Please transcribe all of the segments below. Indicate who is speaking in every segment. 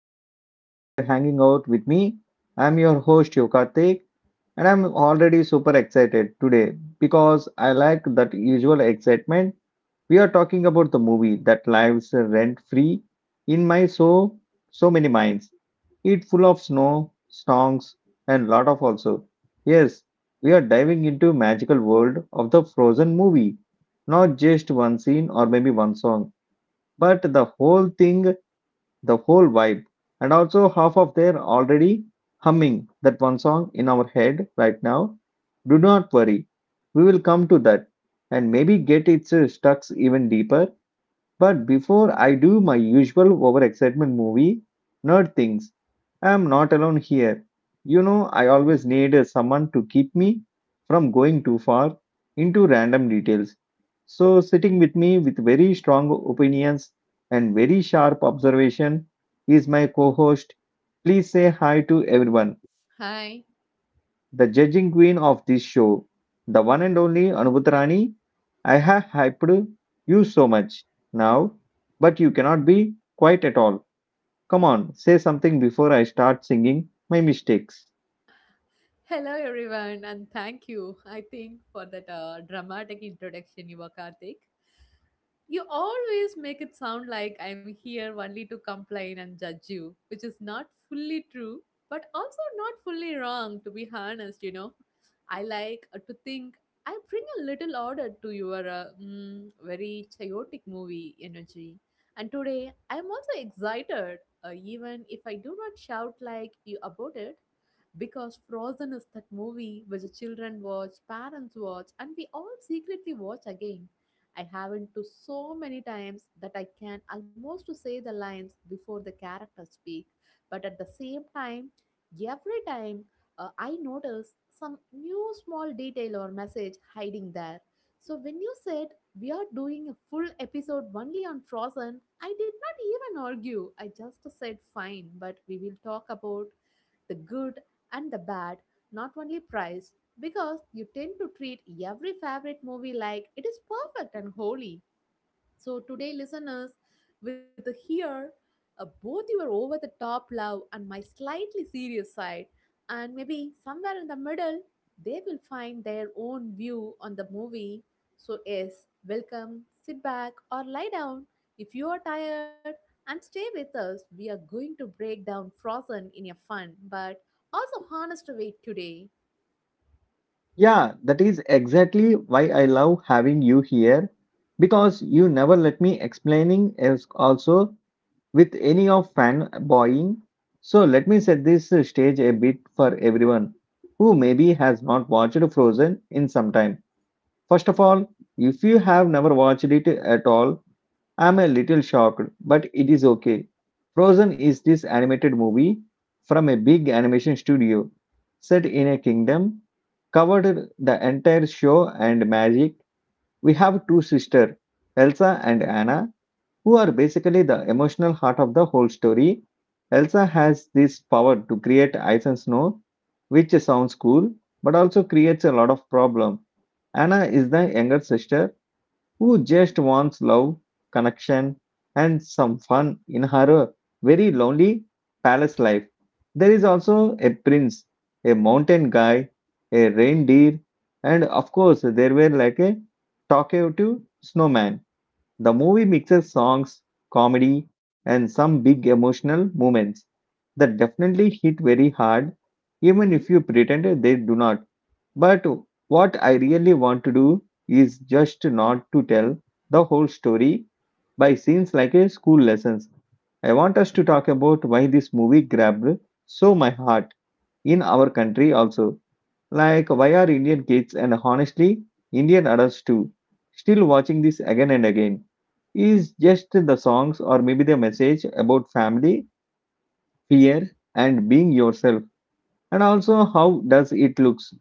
Speaker 1: Podcast. We are hanging out with me. I'm your host Yokartik and I'm already super excited today because I like that usual excitement. We are talking about the movie that lives rent free in my so many minds. It's full of snow, songs and lot of also. Yes, we are diving into magical world of the Frozen movie. Not just one scene or maybe one song, but the whole thing the whole vibe. And also, half of they already humming that one song in our head right now. Do not worry, we will come to that and maybe get its stucks even deeper. But before I do my usual overexcitement movie nerd things, I am not alone here. You know, I always need someone to keep me from going too far into random details. So, sitting with me with very strong opinions and very sharp observation is my co host. Please say hi to everyone.
Speaker 2: Hi.
Speaker 1: The judging queen of this show, the one and only Anubhutarani, I have hyped you so much now, but you cannot be quiet at all. Come on, say something before I start singing my mistakes.
Speaker 2: Hello, everyone, and thank you, I think, for that dramatic introduction, you were Karthik. You always make it sound like I'm here only to complain and judge you, which is not fully true, but also not fully wrong, to be honest, I like to think I bring a little order to your very chaotic movie energy. And today, I'm also excited, even if I do not shout like you about it, because Frozen is that movie which the children watch, parents watch, and we all secretly watch again. I haven't to so many times that I can almost to say the lines before the characters speak. But at the same time, every time I notice some new small detail or message hiding there. So when you said we are doing a full episode only on Frozen, I did not even argue. I just said fine, but we will talk about the good and the bad, not only price, because you tend to treat every favorite movie like it is perfect and holy. So, today, listeners, with a here both your over the top love and my slightly serious side, and maybe somewhere in the middle, they will find their own view on the movie. So, yes, welcome, sit back, or lie down if you are tired and stay with us. We are going to break down Frozen in a fun but also honest way today.
Speaker 1: Yeah, that is exactly why I love having you here because you never let me explaining else also with any of fanboying. So let me set this stage a bit for everyone who maybe has not watched Frozen in some time. First of all, if you have never watched it at all, I'm a little shocked, but it is okay. Frozen is this animated movie from a big animation studio set in a kingdom, covered the entire show and magic. We have two sisters, Elsa and Anna, who are basically the emotional heart of the whole story. Elsa has this power to create ice and snow, which sounds cool, but also creates a lot of problem. Anna is the younger sister who just wants love, connection, and some fun in her very lonely palace life. There is also a prince, a mountain guy, a reindeer, and of course, there were like a talkative snowman. The movie mixes songs, comedy, and some big emotional moments that definitely hit very hard,
Speaker 2: Mm-hmm.
Speaker 1: even if you pretend they do not. But what I really want to do is just not to tell the whole story by scenes like a school lessons. I want us to talk about why this movie grabbed so my heart in our country also. Like why are Indian kids and honestly Indian adults too still watching this again and again? Is just the songs or maybe the message about family,
Speaker 2: افغانستان د ښارونه
Speaker 1: fear and being yourself and also how does it
Speaker 2: کوربه
Speaker 1: looks
Speaker 2: دی.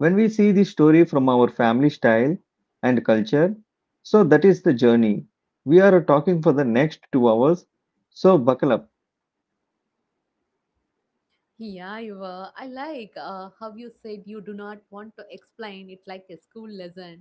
Speaker 1: when we see the story from our family style and culture. So that is the journey. We are talking for the next 2 hours. So buckle up.
Speaker 2: Yeah, you were. I like how you said you do not want to explain it like a school lesson,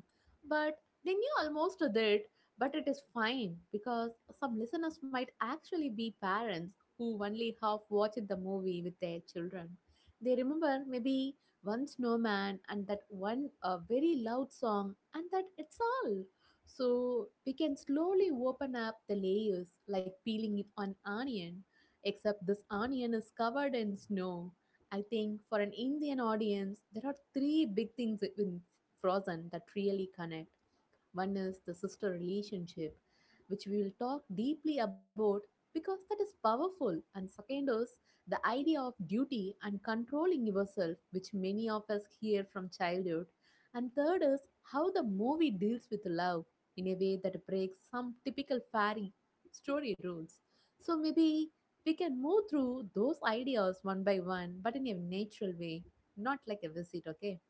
Speaker 2: but they knew almost did. But it is fine because some listeners might actually be parents who only half watched the movie with their children. They remember maybe one snowman and that one very loud song, and that it's all. So we can slowly open up the layers like peeling it on onion, except this onion is covered in snow. I think for an Indian audience, there are three big things in Frozen that really connect. One is the sister relationship, which we will talk deeply about because that is powerful. And second is the idea of duty and controlling yourself, which many of us hear from childhood. And third is how the movie deals with love in a way that breaks some typical fairy story rules. So maybe we can move through those ideas one by one, but in a natural way, not like a visit, okay?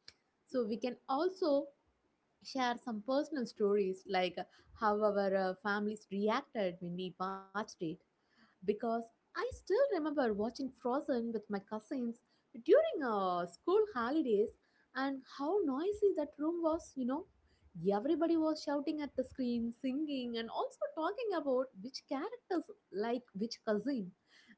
Speaker 2: So we can also share some personal stories like how our families reacted when we watched it, because I still remember watching Frozen with my cousins during school holidays and how noisy that room was, you know. Everybody was shouting at the screen, singing, and also talking about which characters like which cousin.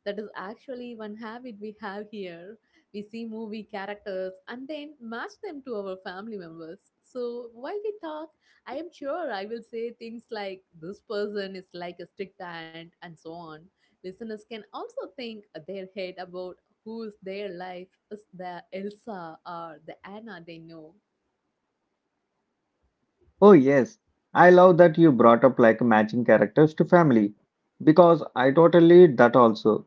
Speaker 2: That is actually one habit we have here. We see movie characters and then match them to our family members. So while we talk, I am sure I will say things like this person is like a strict aunt and so on. Listeners can also think their head about who's their life is the Elsa or the Anna they know.
Speaker 1: Oh yes, I love that you brought up like matching characters to family because I totally did that also.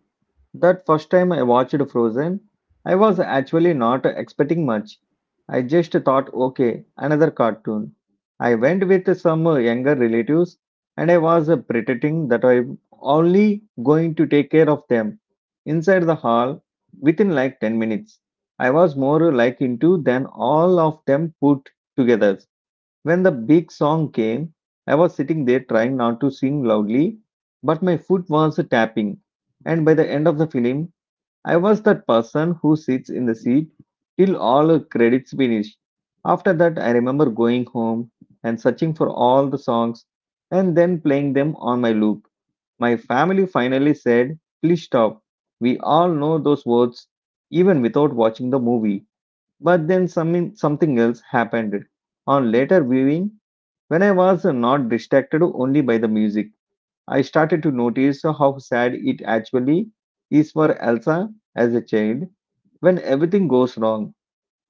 Speaker 1: That first time I watched Frozen, I was actually not expecting much. I just thought, okay, another cartoon. I went with some younger relatives and I was pretending that I'm only going to take care of them. Inside the hall, within like 10 minutes, I was more like into than all of them put together. When the big song came, I was sitting there trying not to sing loudly, but my foot was tapping. And by the end of the film, I was that person who sits in the seat till all credits finish. After that, I remember going home and searching for all the songs and then playing them on my loop. My family finally said, please stop. We all know those words even without watching the movie. But then something else happened. On later viewing, when I was not distracted only by the music, I started to notice how sad it actually is for Elsa as a child. When everything goes wrong,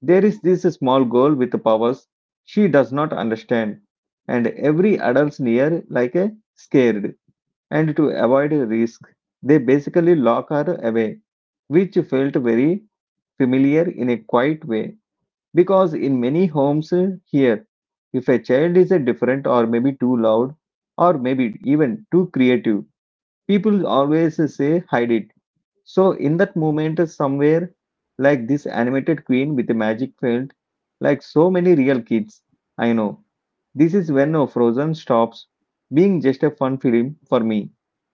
Speaker 1: there is this small girl with powers she does not understand, and every adult's near like a scared. And to avoid risk, they basically lock her away, which felt very familiar in a quiet way. Because in many homes here, if a child is different or maybe too loud or maybe even too creative, people always say hide it. So in that moment, somewhere like this animated queen with the magic felt like so many real kids. I know. This is when Frozen stops being just a fun film for me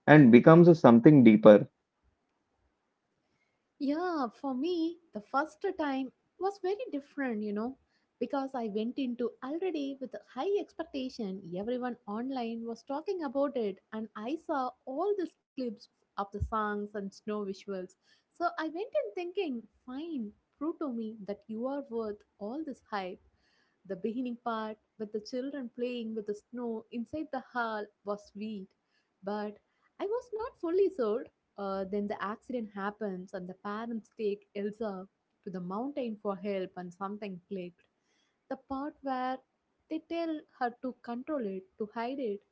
Speaker 1: and becomes something deeper.
Speaker 2: Yeah, for me, the first time was very different, you know, because I went into already with a high expectation. Everyone online was talking about it, and I saw all these clips of the songs and snow visuals. So I went in thinking, fine, prove to me that you are worth all this hype. The beginning part, with the children playing with the snow inside the hall, was sweet, but I was not fully sold. Then the accident happens, and the parents take Elsa to the mountain for help, and something clicked. The part where they tell her to control it, to hide it,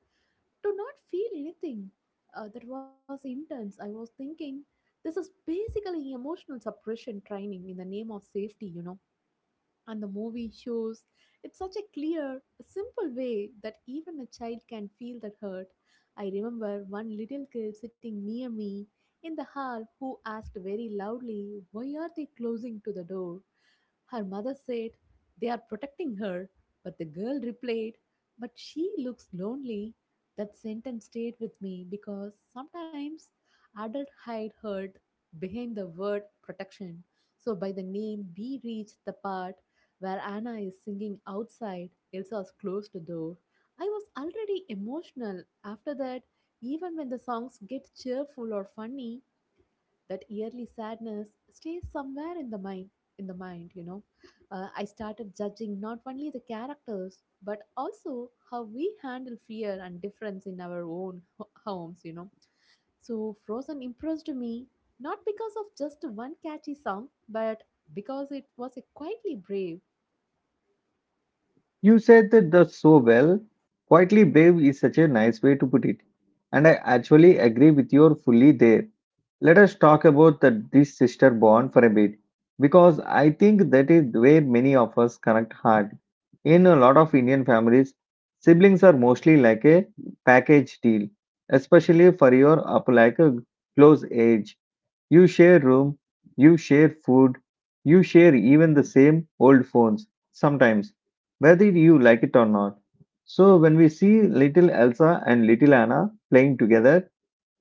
Speaker 2: to not feel anything. That was intense. I was thinking, this is basically emotional suppression training in the name of safety, you know. And the movie shows it's such a clear, simple way that even a child can feel that hurt. I remember one little girl sitting near me in the hall who asked very loudly, "Why are they closing to the door?" Her mother said, "They are protecting her." But the girl replied, "But she looks lonely." That sentence stayed with me because sometimes adult hide hurt behind the word protection. So by the name, we reach the part where Anna is singing outside Elsa's closed door. I was already emotional after that. Even when the songs get cheerful or funny, that yearly sadness stays somewhere in the mind. In the mind, you know, I started judging not only the characters but also how we handle fear and difference in our own homes. You know, so Frozen impressed me not because of just one catchy song, but because it was a quietly brave.
Speaker 1: You said that the so well. Quietly brave is such a nice way to put it. And I actually agree with you fully there. Let us talk about the this sister bond for a bit. Because I think that is where many of us connect hard. In a lot of Indian families, siblings are mostly like a package deal, especially for your up like a close age. You share room, you share food, you share even the same old phones sometimes whether you like it or not. So when we see little Elsa and little Anna playing together,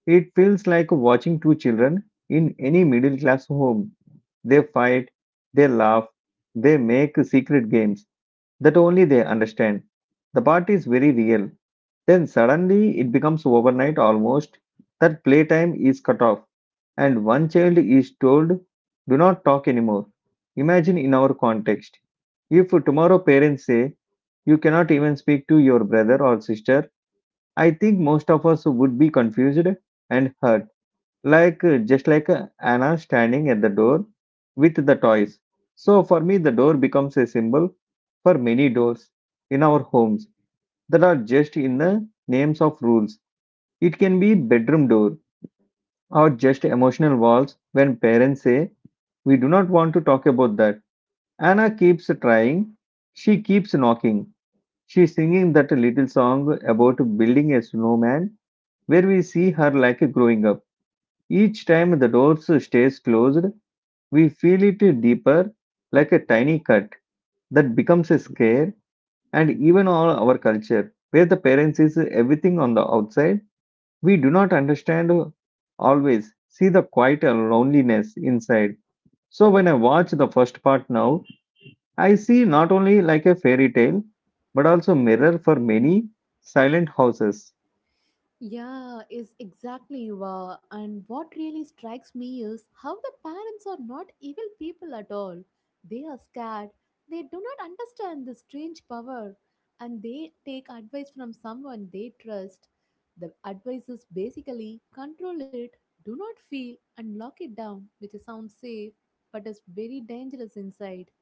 Speaker 1: it feels like watching two children in any middle class home. They fight, they laugh, they make secret games that only they understand. The part is very real. Then suddenly it becomes overnight almost that playtime is cut off and one child is told, do not talk anymore. Imagine in our context. If tomorrow parents say, you cannot even speak to your brother or sister, I think most of us would be confused and hurt, like just like Anna standing at the door with the toys. So for me, the door becomes a symbol for many doors in our homes that are just in the names of rules. It can be bedroom door or just emotional walls when parents say, we do not want to talk about that. Anna keeps trying, she keeps knocking. She's singing that little song about building a snowman where we see her like growing up. Each time the door stays closed, we feel it deeper like a tiny cut that becomes a scare and even all our culture where the parents is everything on the outside we do not understand always see the quiet loneliness inside. So when I watch the first part now, I see not only like a fairy tale, but also mirror for many silent houses.
Speaker 2: Yeah, is exactly wow. And what really strikes me is how the parents are not evil people at all. They are scared. They do not understand the strange power, and they take advice from someone they trust. The advice is basically control it, do not feel, and lock it down, which sounds safe, but is very dangerous inside.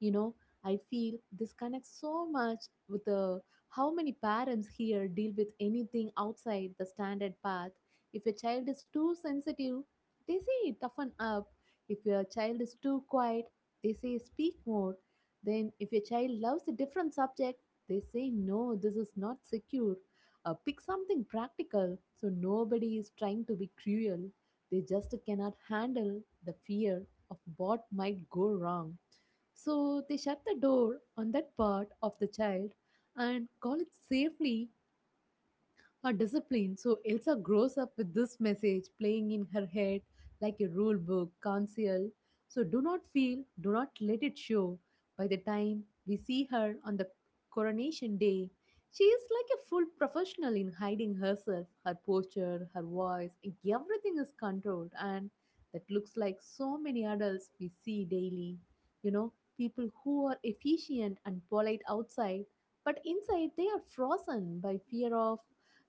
Speaker 2: You know, I feel this connects so much with the how many parents here deal with anything outside the standard path? If a child is too sensitive, they say toughen up. If your child is too quiet, they say speak more. Then, if your child loves a different subject, they say no, this is not secure. Pick something practical. So, nobody is trying to be cruel. They just cannot handle the fear of what might go wrong. So they shut the door on that part of the child and call it safely her discipline. So Elsa grows up with this message playing in her head like a rule book, counsel. So do not feel, do not let it show. By the time we see her on the coronation day, she is like a full professional in hiding herself, her posture, her voice, everything is controlled and that looks like so many adults we see daily. You know, people who are efficient and polite outside, but inside they are frozen by fear of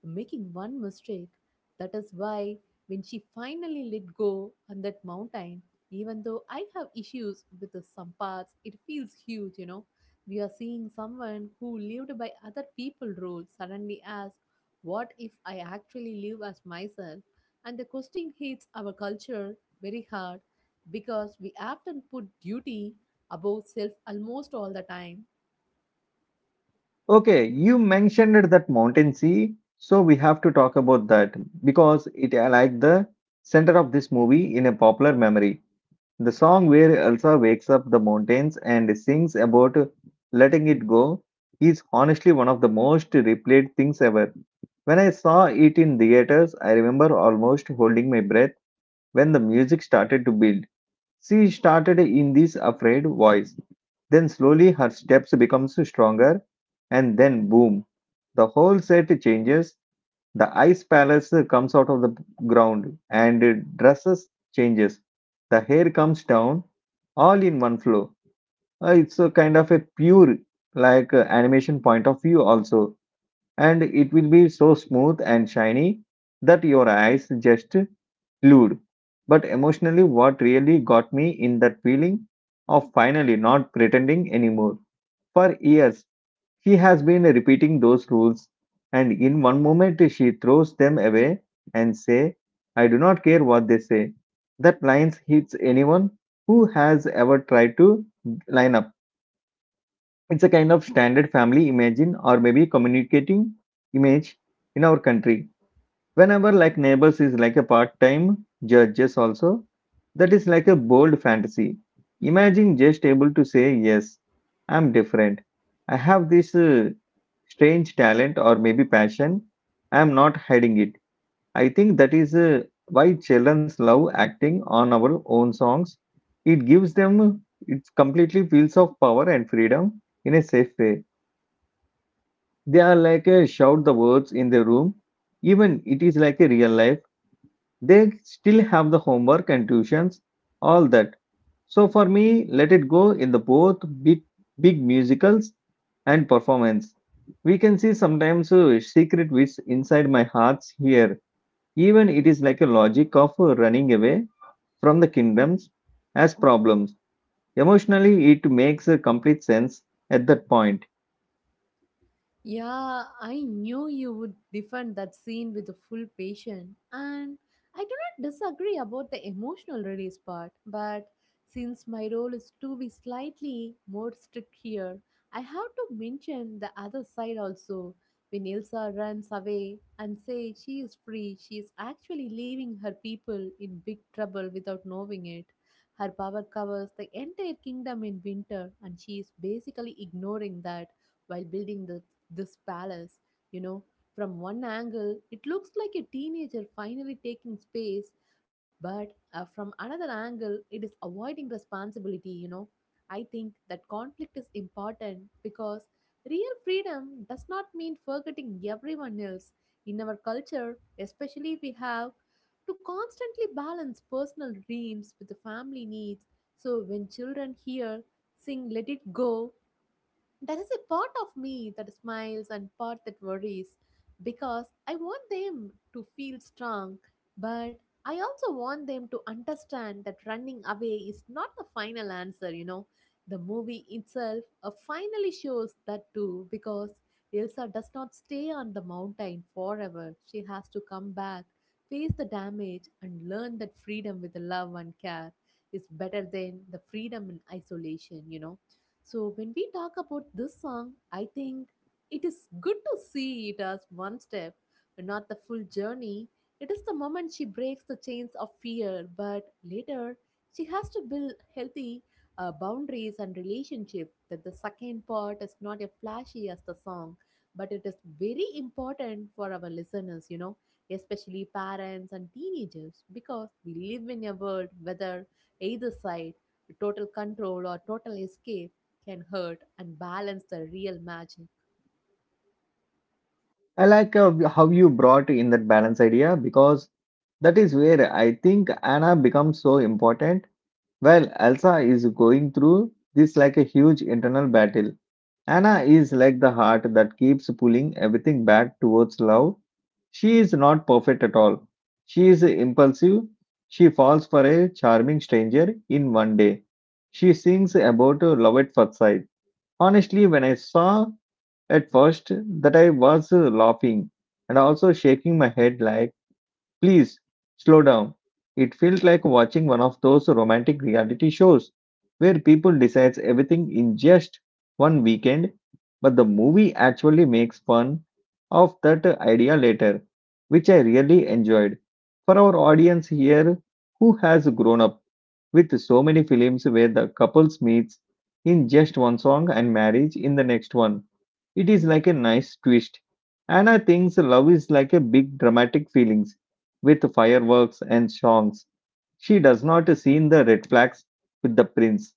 Speaker 2: making one mistake. That is why when she finally let go on that mountain, even though I have issues with the some parts, it feels huge, you know. We are seeing someone who lived by other people rules suddenly ask, "What if I actually live as myself?" And the question hits our culture very hard because we often put duty above self almost all the time.
Speaker 1: Okay, you mentioned that mountain sea, so we have to talk about that because it like the center of this movie in a popular memory. The song where Elsa wakes up the mountains and sings about letting it go is honestly one of the most replayed things ever. When I saw it in theaters, I remember almost holding my breath when the music started to build. She started in this afraid voice. Then slowly her steps becomes stronger, and then boom, the whole set changes. The ice palace comes out of the ground and dresses changes. The hair comes down all in one flow. It's a kind of a pure like animation point of view also and it will be so smooth and shiny that your eyes just glued. But emotionally, what really got me in that feeling of finally not pretending anymore. For years, she has been repeating those rules, and in one moment, she throws them away and say, "I do not care what they say." That lines hits anyone who has ever tried to line up it's a kind of standard family imagine or maybe communicating image in our country. Whenever like neighbors is like a part-time judges also, that is like a bold fantasy.
Speaker 2: Mm-hmm.
Speaker 1: Imagine just able to say yes, I'm different. I have this strange talent or maybe passion. I am not hiding it. I think that is why childrens love acting on our own songs. It gives them it completely feels of power and freedom in a safe way they are like a shout the words in the room. Even it is like a real life. They still have the homework and tuitions, all that. So for me, let it go in the both big musicals and performance. We can see sometimes secret wish inside my hearts here. Even it is like a logic of running away from the kingdoms as problems. Emotionally, it makes a complete sense at that point.
Speaker 2: Yeah, I knew you would defend that scene with a full passion, and I do not disagree about the emotional release part. But since my role is to be slightly more strict here, I have to mention the other side also. When Elsa runs away and says she is free, she is actually leaving her people in big trouble without knowing it. Her power covers the entire kingdom in winter, and she is basically ignoring that while building the this palace, you know. From one angle, it looks like a teenager finally taking space, but from another angle, it is avoiding responsibility, you know. I think that conflict is important because real freedom does not mean forgetting everyone else. In our culture, especially, we have to constantly balance personal dreams with the family needs. So when children hear sing Let It Go, there is a part of me that smiles and part that worries because I want them to feel strong, but I also want them to understand that running away is not the final answer, you know. The movie itself finally shows that too because Elsa does not stay on the mountain forever. She has to come back, face the damage, and learn that freedom with love and care is better than the freedom in isolation, you know. So, when we talk about this song, I think it is good to see it as one step, but not the full journey. It is the moment she breaks the chains of fear, but later she has to build healthy boundaries and relationship. That the second part is not as flashy as the song, but it is very important for our listeners, you know, especially parents and teenagers, because we live in a world whether either side, total control or total escape, can hurt and balance the real magic.
Speaker 1: I like how you brought in that balance idea because that is where I think Anna becomes so important. Well, Elsa is going through this like a huge internal battle. Anna is like the heart that keeps pulling everything back towards love. She is not perfect at all. She is impulsive. She falls for a charming stranger in one day. She sings about love at first sight. Honestly, when I saw at first, that I was laughing and also shaking my head like, please slow down. It felt like watching one of those romantic reality shows where people decides everything in just one weekend, but the movie actually makes fun of that idea later, which I really enjoyed. For our audience here who has grown up with so many films where the couples meets in just one song and marriage in the next one, it is like a nice twist. And I think so love is like a big dramatic feelings with fireworks and songs. She does not see in the red flags with the prince.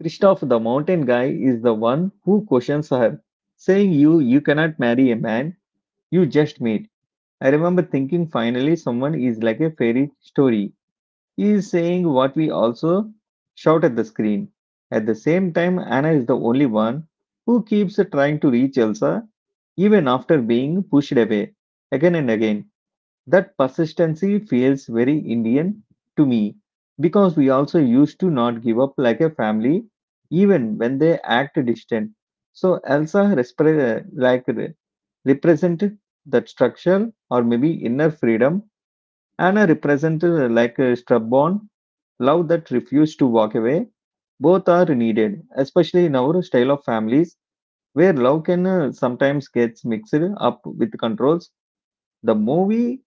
Speaker 1: Christoph the mountain guy is the one who questions her, saying you cannot marry a man you just meet. I remember thinking finally someone is like a fairy story. He is saying what we also shout at the screen. At the same time, Anna is the only one who keeps trying to reach Elsa even after being pushed away again and again. That persistency feels very Indian to me because we also used to not give up like a family even when they act distant. So Elsa represented that structure or maybe inner freedom, and I represented like a stubborn love that refused to walk away. Both are needed, especially in our style of families where love can sometimes gets mixed up with controls. The movie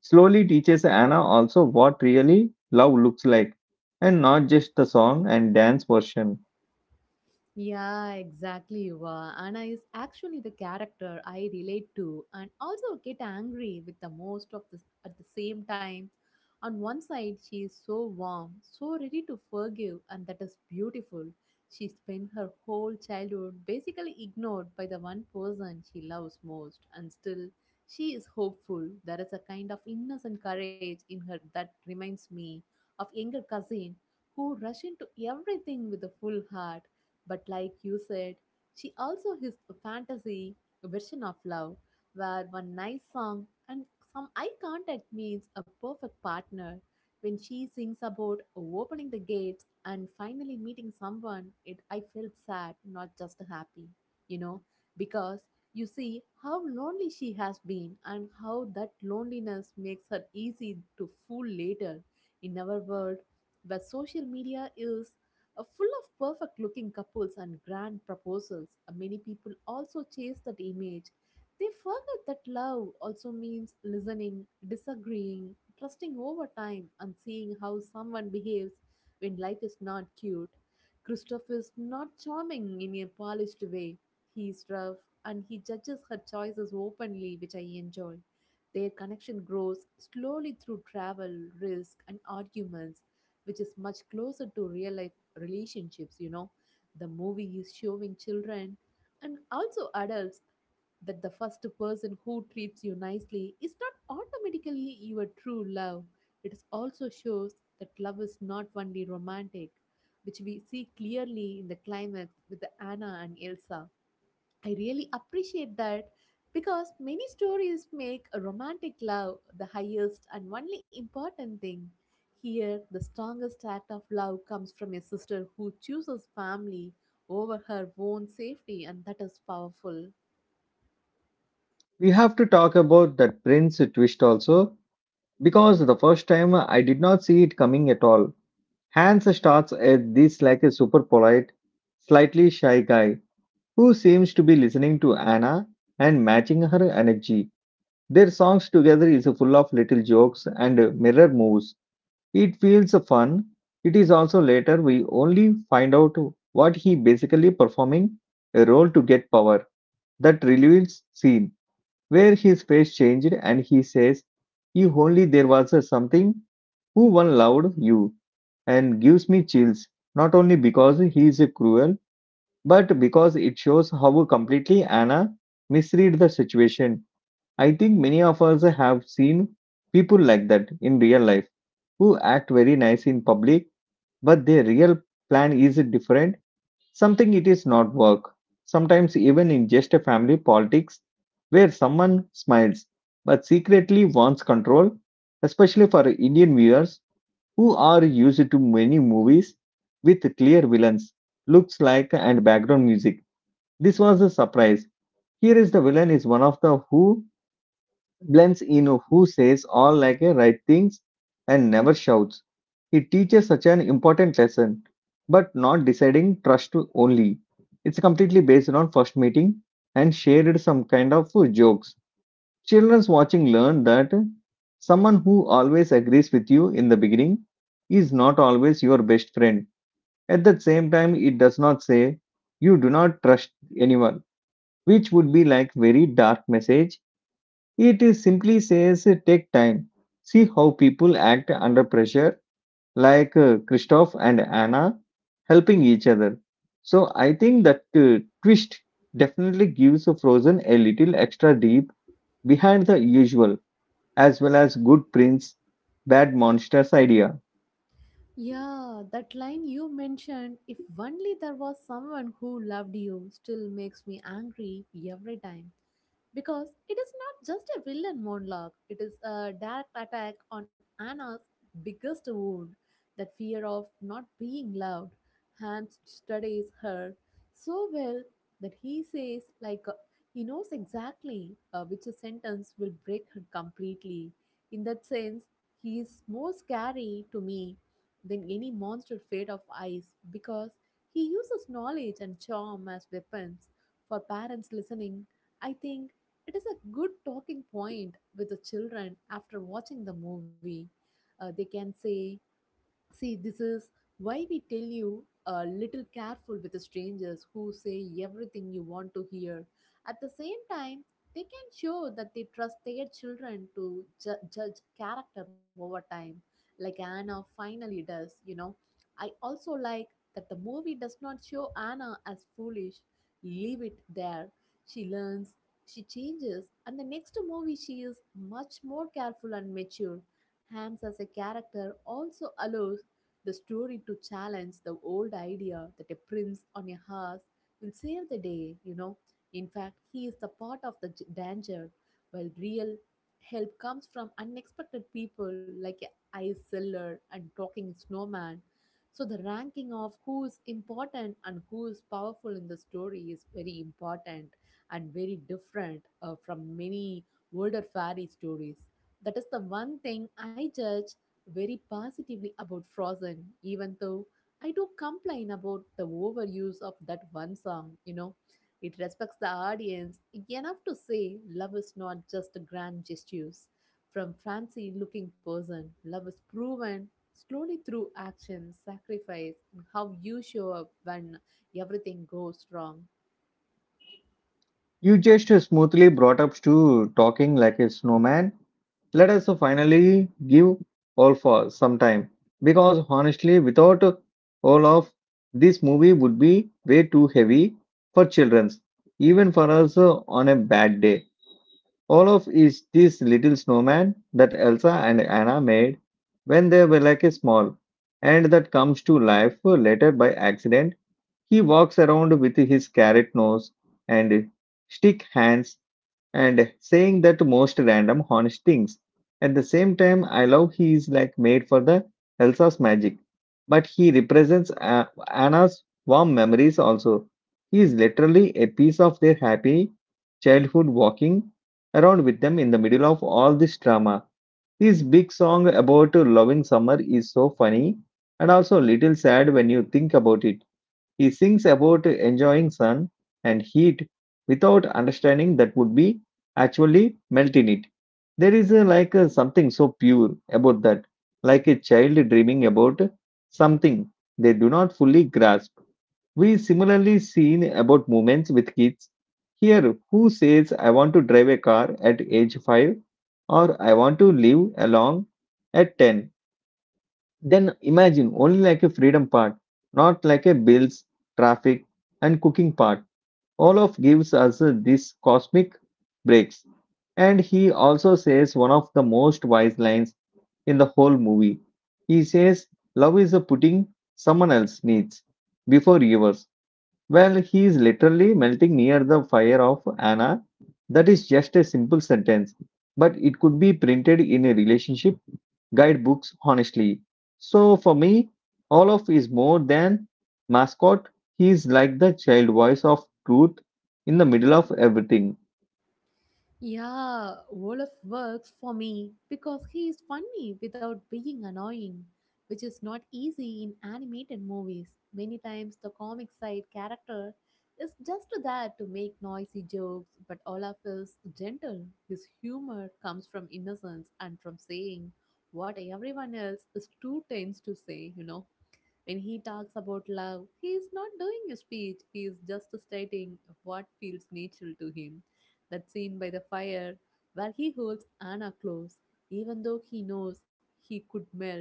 Speaker 1: slowly teaches Anna also what really love looks like, and not just the song and dance version.
Speaker 2: Yeah, exactly. Yuva. Anna is actually the character I relate to and also get angry with the most of this at the same time. On one side, she is so warm, so ready to forgive, and that is beautiful. She spent her whole childhood basically ignored by the one person she loves most, and still she is hopeful. There is a kind of innocent courage in her that reminds me of younger cousin who rush into everything with a full heart but like you said, she also has a fantasy version of love where one nice song and some eye contact means a perfect partner. When she sings about opening the gates and finally meeting someone, it I felt sad, not just happy, you know, because you see how lonely she has been and how that loneliness makes her easy to fool later. In our world, where social media is full of perfect looking couples and grand proposals, many people also chase that image. They forget that love also means listening, disagreeing, trusting over time, and seeing how someone behaves when life is not cute. Christoph is not charming in a polished way. He is rough and he judges her choices openly, which I enjoy. Their connection grows slowly through travel, risk, and arguments, which is much closer to real life relationships, you know. The movie is showing children and also adults that the first person who treats you nicely is not automatically your true love. It is also shows that love is not only romantic, which we see clearly in the climax with the Anna and Elsa. I really appreciate that because many stories make a romantic love the highest and only important thing. Here, the strongest act of love comes from a sister who chooses family over her own safety, and that is powerful.
Speaker 1: We have to talk about that Prince twist also because the first time I did not see it coming at all. Hans starts as this like a super polite, slightly shy guy who seems to be listening to Anna and matching her energy. Their songs together is full of little jokes and mirror moves. It feels fun. It is also later we only find out what he basically performing a role to get power. That reveals scene where his face changed and he says, "If only there was a something who one loved you," and gives me chills. Not only because he is cruel, but because it shows how completely Anna misread the situation. I think many of us have seen people like that in real life who act very nice in public, but their real plan is different. Something it is not work. Sometimes even in just a family politics where someone smiles but secretly wants control, especially for Indian viewers who are used to many movies with clear villains, looks like and background music. This was a surprise. Here is the villain is one of the who Blends Eno, who says all like a right things and never shouts. He teaches such an important lesson, but not deciding trust only. It's completely based on first meeting and shared some kind of jokes. Children's watching learn that someone who always agrees with you in the beginning is not always your best friend. At the same time, it does not say you do not trust anyone, which would be like very dark message. It is simply says take time. See how people act under pressure, like Christoph and Anna helping each other. So I think that twist definitely gives Frozen a little extra deep behind the usual, as well as good prince, bad monsters idea.
Speaker 2: Yeah, that line you mentioned, if only there was someone who loved you, still makes me angry every time. Because it is not just a villain monologue, it is a direct attack on Anna's biggest wound, that fear of not being loved. Hans studies her so well that he says, like, he knows exactly which sentence will break her completely. In that sense, he is more scary to me than any monster fate of ice because he uses knowledge and charm as weapons. For parents listening, I think it is a good talking point with the children after watching the movie. They can say, see, this is why we tell you a little careful with the strangers who say everything you want to hear. At the same time, they can show that they trust their children to judge character over time, like Anna finally does, you know. I also like that the movie does not show Anna as foolish. Leave it there. She learns, she changes, and the next movie she is much more careful and mature. Hans as a character also allows the story to challenge the old idea that a prince on a horse will save the day, you know. In fact, he is the part of the danger, while real help comes from unexpected people like a ice seller and talking snowman. So the ranking of who is important and who is powerful in the story is very important and very different from many older fairy stories. That is the one thing I judge very positively about Frozen, even though I do complain about the overuse of that one song, you know. It respects the audience enough to say love is not just grand gestures. From fancy looking person, love is proven slowly through action, sacrifice, and how you show up when everything goes wrong.
Speaker 1: You just smoothly brought up to talking like a snowman. Let us finally give all for some time because honestly, without all of this movie would be way too heavy for children, even for us on a bad day. All of is this little snowman that Elsa and Anna made when they were like a small, and that comes to life later by accident. He walks around with his carrot nose and stick hands and saying that most random honest things. At the same time, I love he is like made for the Elsa's magic, but he represents Anna's warm memories also. He is literally a piece of their happy childhood walking around with them in the middle of all this drama. This big song about loving summer is so funny and also a little sad when you think about it. He sings about enjoying sun and heat without understanding that would be actually melt in it. There is a, like a, something so pure about that, like a child dreaming about something they do not fully grasp. We similarly seen about movements with kids. Here, who says I want to drive a car at age 5 or I want to live along at 10, then imagine only like a freedom part, not like a bills, traffic, and cooking part. Olaf gives us this cosmic breaks. And he also says one of the most wise lines in the whole movie. He says, love is a putting someone else needs before yours. Well, he is literally melting near the fire of Anna. That is just a simple sentence, but it could be printed in a relationship guidebooks, honestly. So for me, Olaf is more than mascot. He is like the child voice of truth in the middle of everything.
Speaker 2: Yeah, Olaf works for me because he is funny without being annoying, which is not easy in animated movies. Many times, the comic side character is just there to make noisy jokes, but Olaf is gentle. His humor comes from innocence and from saying what everyone else is too tense to say, you know. When he talks about love, he is not doing a speech, he is just stating what feels natural to him. That scene by the fire, where he holds Anna close, even though he knows he could melt,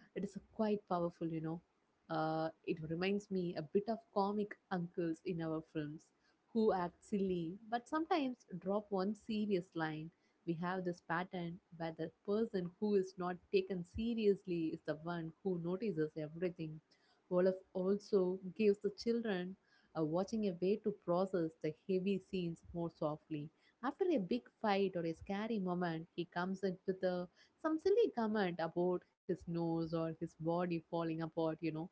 Speaker 2: it is quite powerful, you know. It reminds me a bit of comic uncles in our films who act silly but sometimes drop one serious line. We have this pattern where the person who is not taken seriously is the one who notices everything. Olaf also gives the children watching a way to process the heavy scenes more softly. After a big fight or a scary moment, he comes in with some silly comment about his nose or his body falling apart, you know.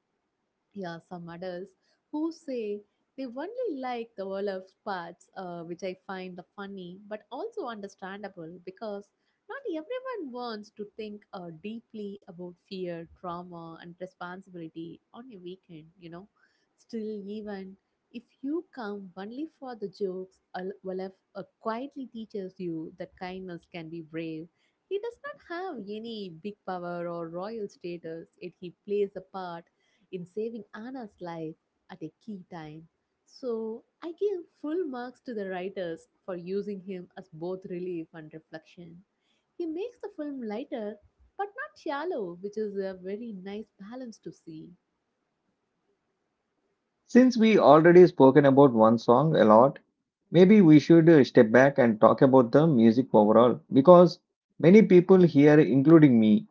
Speaker 2: Yeah, some adults who say they only like the Olaf parts, which I find the funny but also understandable because not everyone wants to think deeply about fear, trauma, and responsibility on a weekend, you know. Still, even if you come only for the jokes, Olaf quietly teaches you that kindness can be brave. He does not have any big power or royal status, yet he plays a part in saving Anna's life at a key time. So I give full marks to the writers for using him as both relief and reflection. He makes the film lighter but not shallow, which is a very nice balance to see.
Speaker 1: Since we already spoken about one song a lot, maybe we should step back and talk about the music overall because many people here, including me,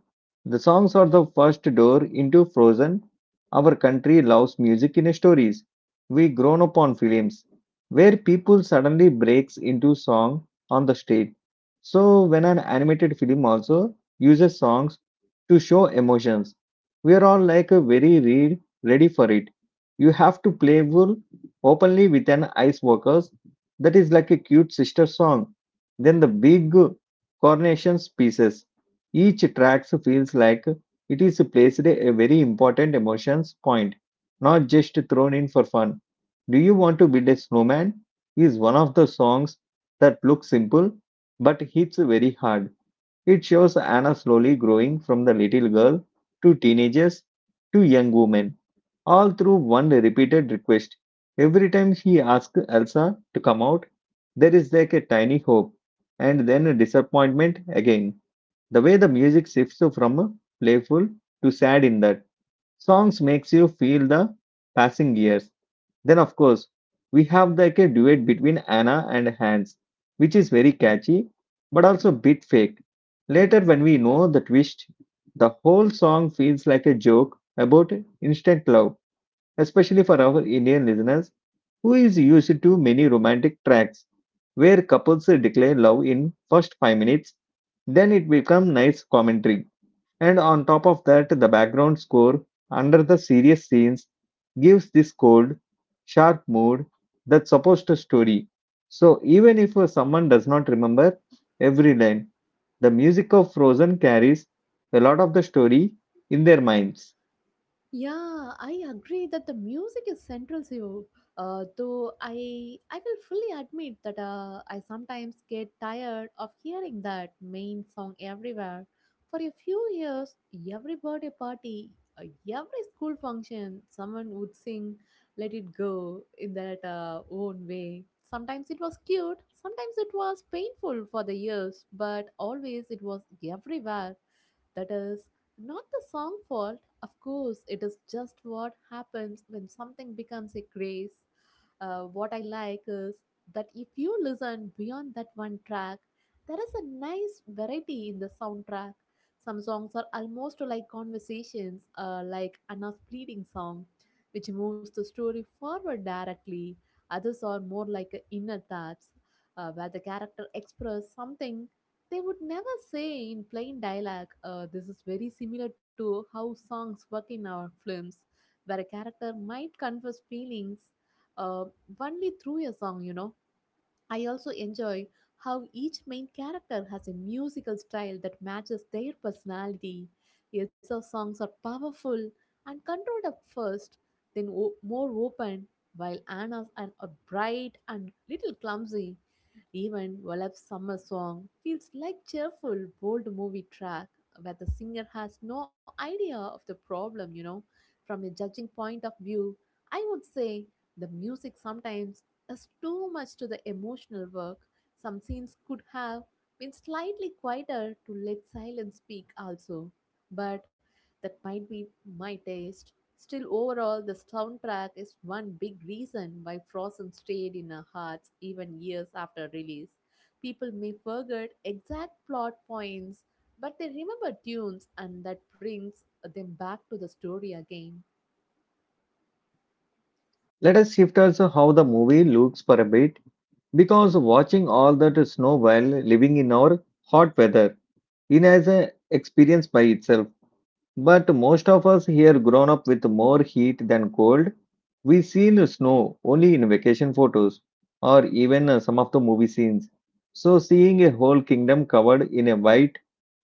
Speaker 1: the songs are the first door into Frozen. Our country loves music in stories. We grown up on films where people suddenly breaks into song on the stage. So when an animated film also uses songs to show emotions, we are all like a very read ready for it. You have to play playful openly with an ice worker that is like a cute sister song. Then the big coronations pieces. Each track feels like it is placed a very important emotions point, not just thrown in for fun. Do you want to build a snowman? Is one of the songs that looks simple but hits very hard. It shows Anna slowly growing from the little girl to teenagers to young woman all through one repeated request. Every time he asks Elsa to come out, there is like a tiny hope and then a disappointment again. The way the music shifts from playful to sad in that songs makes you feel the passing years. Then of course we have like a duet between Anna and Hans, which is very catchy but also a bit fake. Later when we know the twist, the whole song feels like a joke about instant love, especially for our Indian listeners who is used to many romantic tracks where couples declare love in first 5 minutes. Then it becomes nice commentary, and on top of that the background score under the serious scenes gives this cold sharp mood that's supposed to story. So even if someone does not remember every line, the music of Frozen carries a lot of the story in their minds.
Speaker 2: Yeah, I agree that the music is central to you. Though I will fully admit that I sometimes get tired of hearing that main song everywhere. For a few years, every birthday party, uh, every school function, someone would sing "Let It Go" in that own way. Sometimes it was cute, sometimes it was painful for the ears, but always it was everywhere. That is not the song fault, of course, it is just what happens when something becomes a craze. What I like is that if you listen beyond that one track, there is a nice variety in the soundtrack. Some songs are almost like conversations, like Anna's pleading song, which moves the story forward directly. Others are more like inner thoughts, where the character express something they would never say in plain dialogue. This is very similar to how songs work in our films, where a character might confess feelings uh, only through a song, you know. I also enjoy how each main character has a musical style that matches their personality. Elsa's songs are powerful and controlled at first, then more open, while Anna's are bright and little clumsy. Even Valap's summer song feels like cheerful, bold movie track where the singer has no idea of the problem, you know. From a judging point of view, I would say the music sometimes is too much to the emotional work. Some scenes could have been slightly quieter to let silence speak also. But that might be my taste. Still, overall, the soundtrack is one big reason why Frozen stayed in our hearts even years after release. People may forget exact plot points, but they remember tunes, and that brings them back to the story again.
Speaker 1: Let us shift also how the movie looks for a bit, because watching all that snow while living in our hot weather in as an experience by itself. But most of us here grown up with more heat than cold. We seen snow only in vacation photos or even some of the movie scenes. So seeing a whole kingdom covered in a white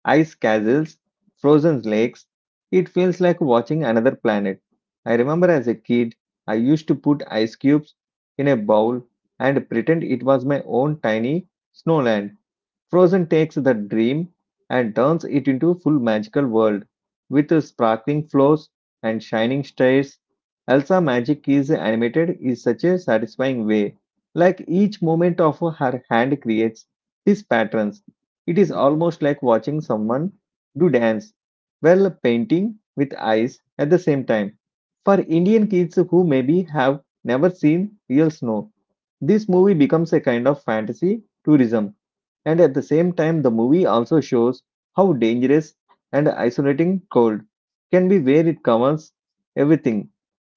Speaker 1: ice castles, frozen lakes. It feels like watching another planet. I remember as a kid, I used to put ice cubes in a bowl and pretend it was my own tiny snowland. Frozen takes the dream and turns it into a full magical world with sparkling floors and shining stairs. Elsa magic is animated in such a satisfying way. Like each movement of her hand creates these patterns. It is almost like watching someone do dance while painting with eyes at the same time. For Indian kids who maybe have never seen real snow, this movie becomes a kind of fantasy tourism, and at the same time, the movie also shows how dangerous and isolating cold can be where it covers everything.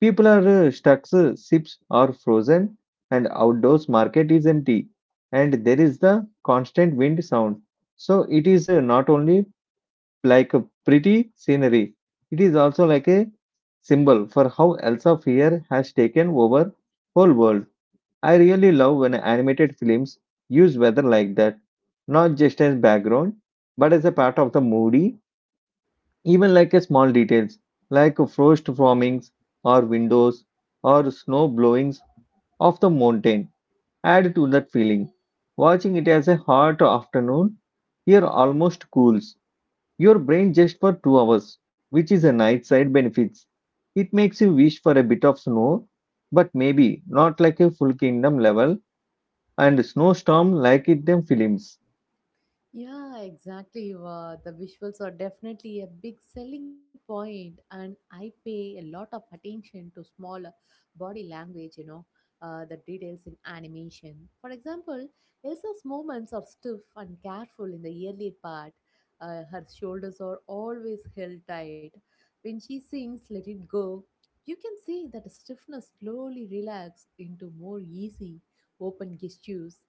Speaker 1: People are stuck, ships are frozen, and outdoors market is empty. And there is the constant wind sound. So it is not only like a pretty scenery, it is also like a symbol for how Elsa fear has taken over whole world. I really love when animated films use weather like that, not just as background, but as a part of the movie, even like a small details, like frost formings or windows or snow blowings of the mountain add to that feeling. Watching it as a hot afternoon here almost cools your brain just for 2 hours, which is a nice side benefits. It makes you wish for a bit of snow, but maybe not like a full kingdom level and snowstorm like it them films.
Speaker 2: Yeah, exactly. Wow. The visuals are definitely a big selling point, and I pay a lot of attention to small body language, you know, the details in animation. For example, Elsa's movements are stiff and careful in the early part. Her shoulders are always held tight. When she sings Let It Go, you can see that stiffness slowly relaxed into more easy, open gestures.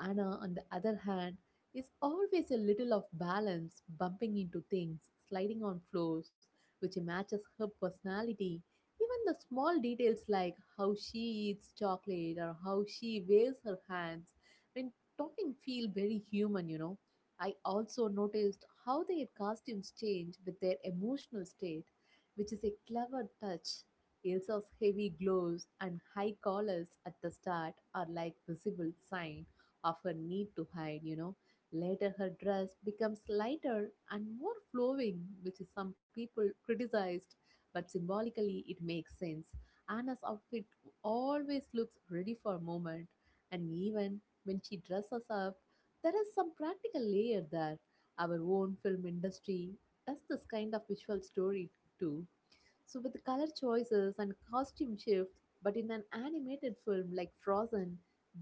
Speaker 2: Anna, on the other hand, is always a little off balance, bumping into things, sliding on floors, which matches her personality. Even the small details like how she eats chocolate or how she waves her hands when talking feel very human, you know. I also noticed how their costumes change with their emotional state, which is a clever touch. Elsa's heavy gloves and high collars at the start are like visible sign of her need to hide, you know. Later, her dress becomes lighter and more flowing, which is some people criticized, but symbolically it makes sense. Anna's outfit always looks ready for movement, and even when she dresses up, there is some practical layer there. Our own film industry does this kind of visual story too. So, with color choices and costume shifts, but in an animated film like Frozen,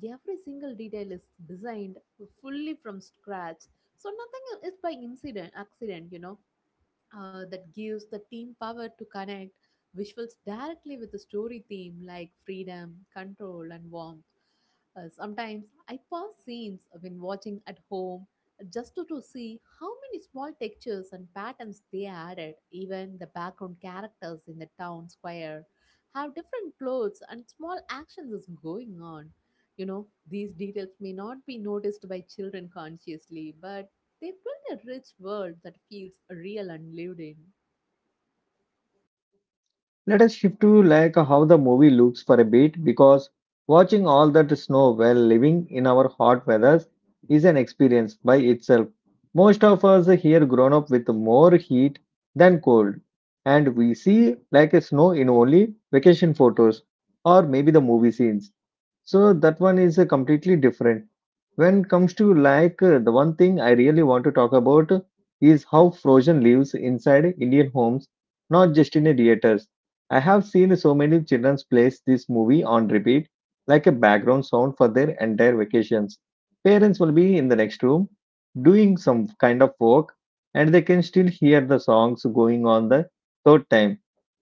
Speaker 2: every single detail is designed fully from scratch. So, nothing is by incident, accident, you know. That gives the team power to connect visuals directly with the story theme like freedom, control, and warmth. Sometimes I pause scenes when watching at home just to see how many small textures and patterns they added. Even the background characters in the town square have different clothes and small actions is going on. You know, these details may not be noticed by children consciously, but they build a rich world that feels real and lived in.
Speaker 1: Let us shift to like how the movie looks for a bit because watching all that snow while living in our hot weathers is an experience by itself. Most of us here grown up with more heat than cold, and we see like a snow in only vacation photos or maybe the movie scenes. So that one is completely different. When it comes to like the one thing I really want to talk about is how Frozen lives inside Indian homes, not just in the theaters. I have seen so many children play this movie on repeat like a background sound for their entire vacations. Parents will be in the next room doing some kind of work, and they can still hear the songs going on the third time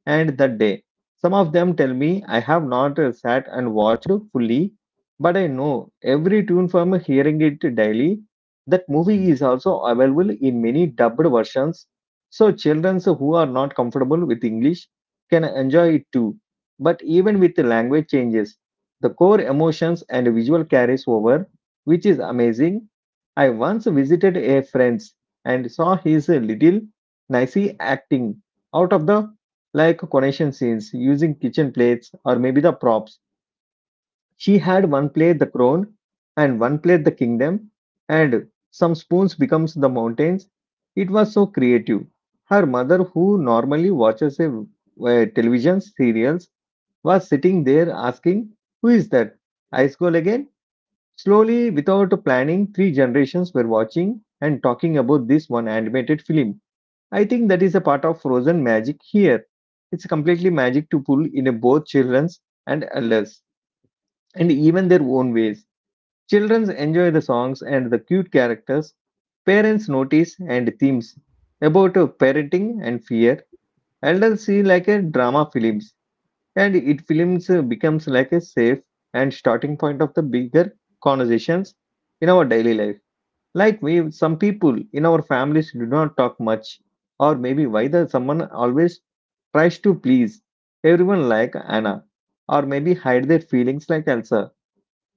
Speaker 1: and that day. Some of them tell me I have not sat and watched fully, but I know every tune from hearing it daily. That movie is also available in many dubbed versions, so children who are not comfortable with English can enjoy it too. But even with the language changes, the core emotions and visual carries over, which is amazing. I once visited a friend's and saw his little nicey acting out of the like coronation scenes using kitchen plates or maybe the props. She had one plate the crown and one plate the kingdom, and some spoons becomes the mountains. It was so creative. Her mother, who normally watches television serials, was sitting there asking, "Who is that? Ice Goal again." Slowly, without planning, three generations were watching and talking about this one animated film. I think that is a part of Frozen magic here. It's completely magic to pull in both children's and adults, and even their own ways. Children enjoy the songs and the cute characters. Parents notice and themes about parenting and fear. Adults see like a drama films, and it films becomes like a safe and starting point of the bigger conversations in our daily life. Like we, some people in our families do not talk much, or maybe why the someone always tries to please everyone like Anna, or maybe hide their feelings like Elsa.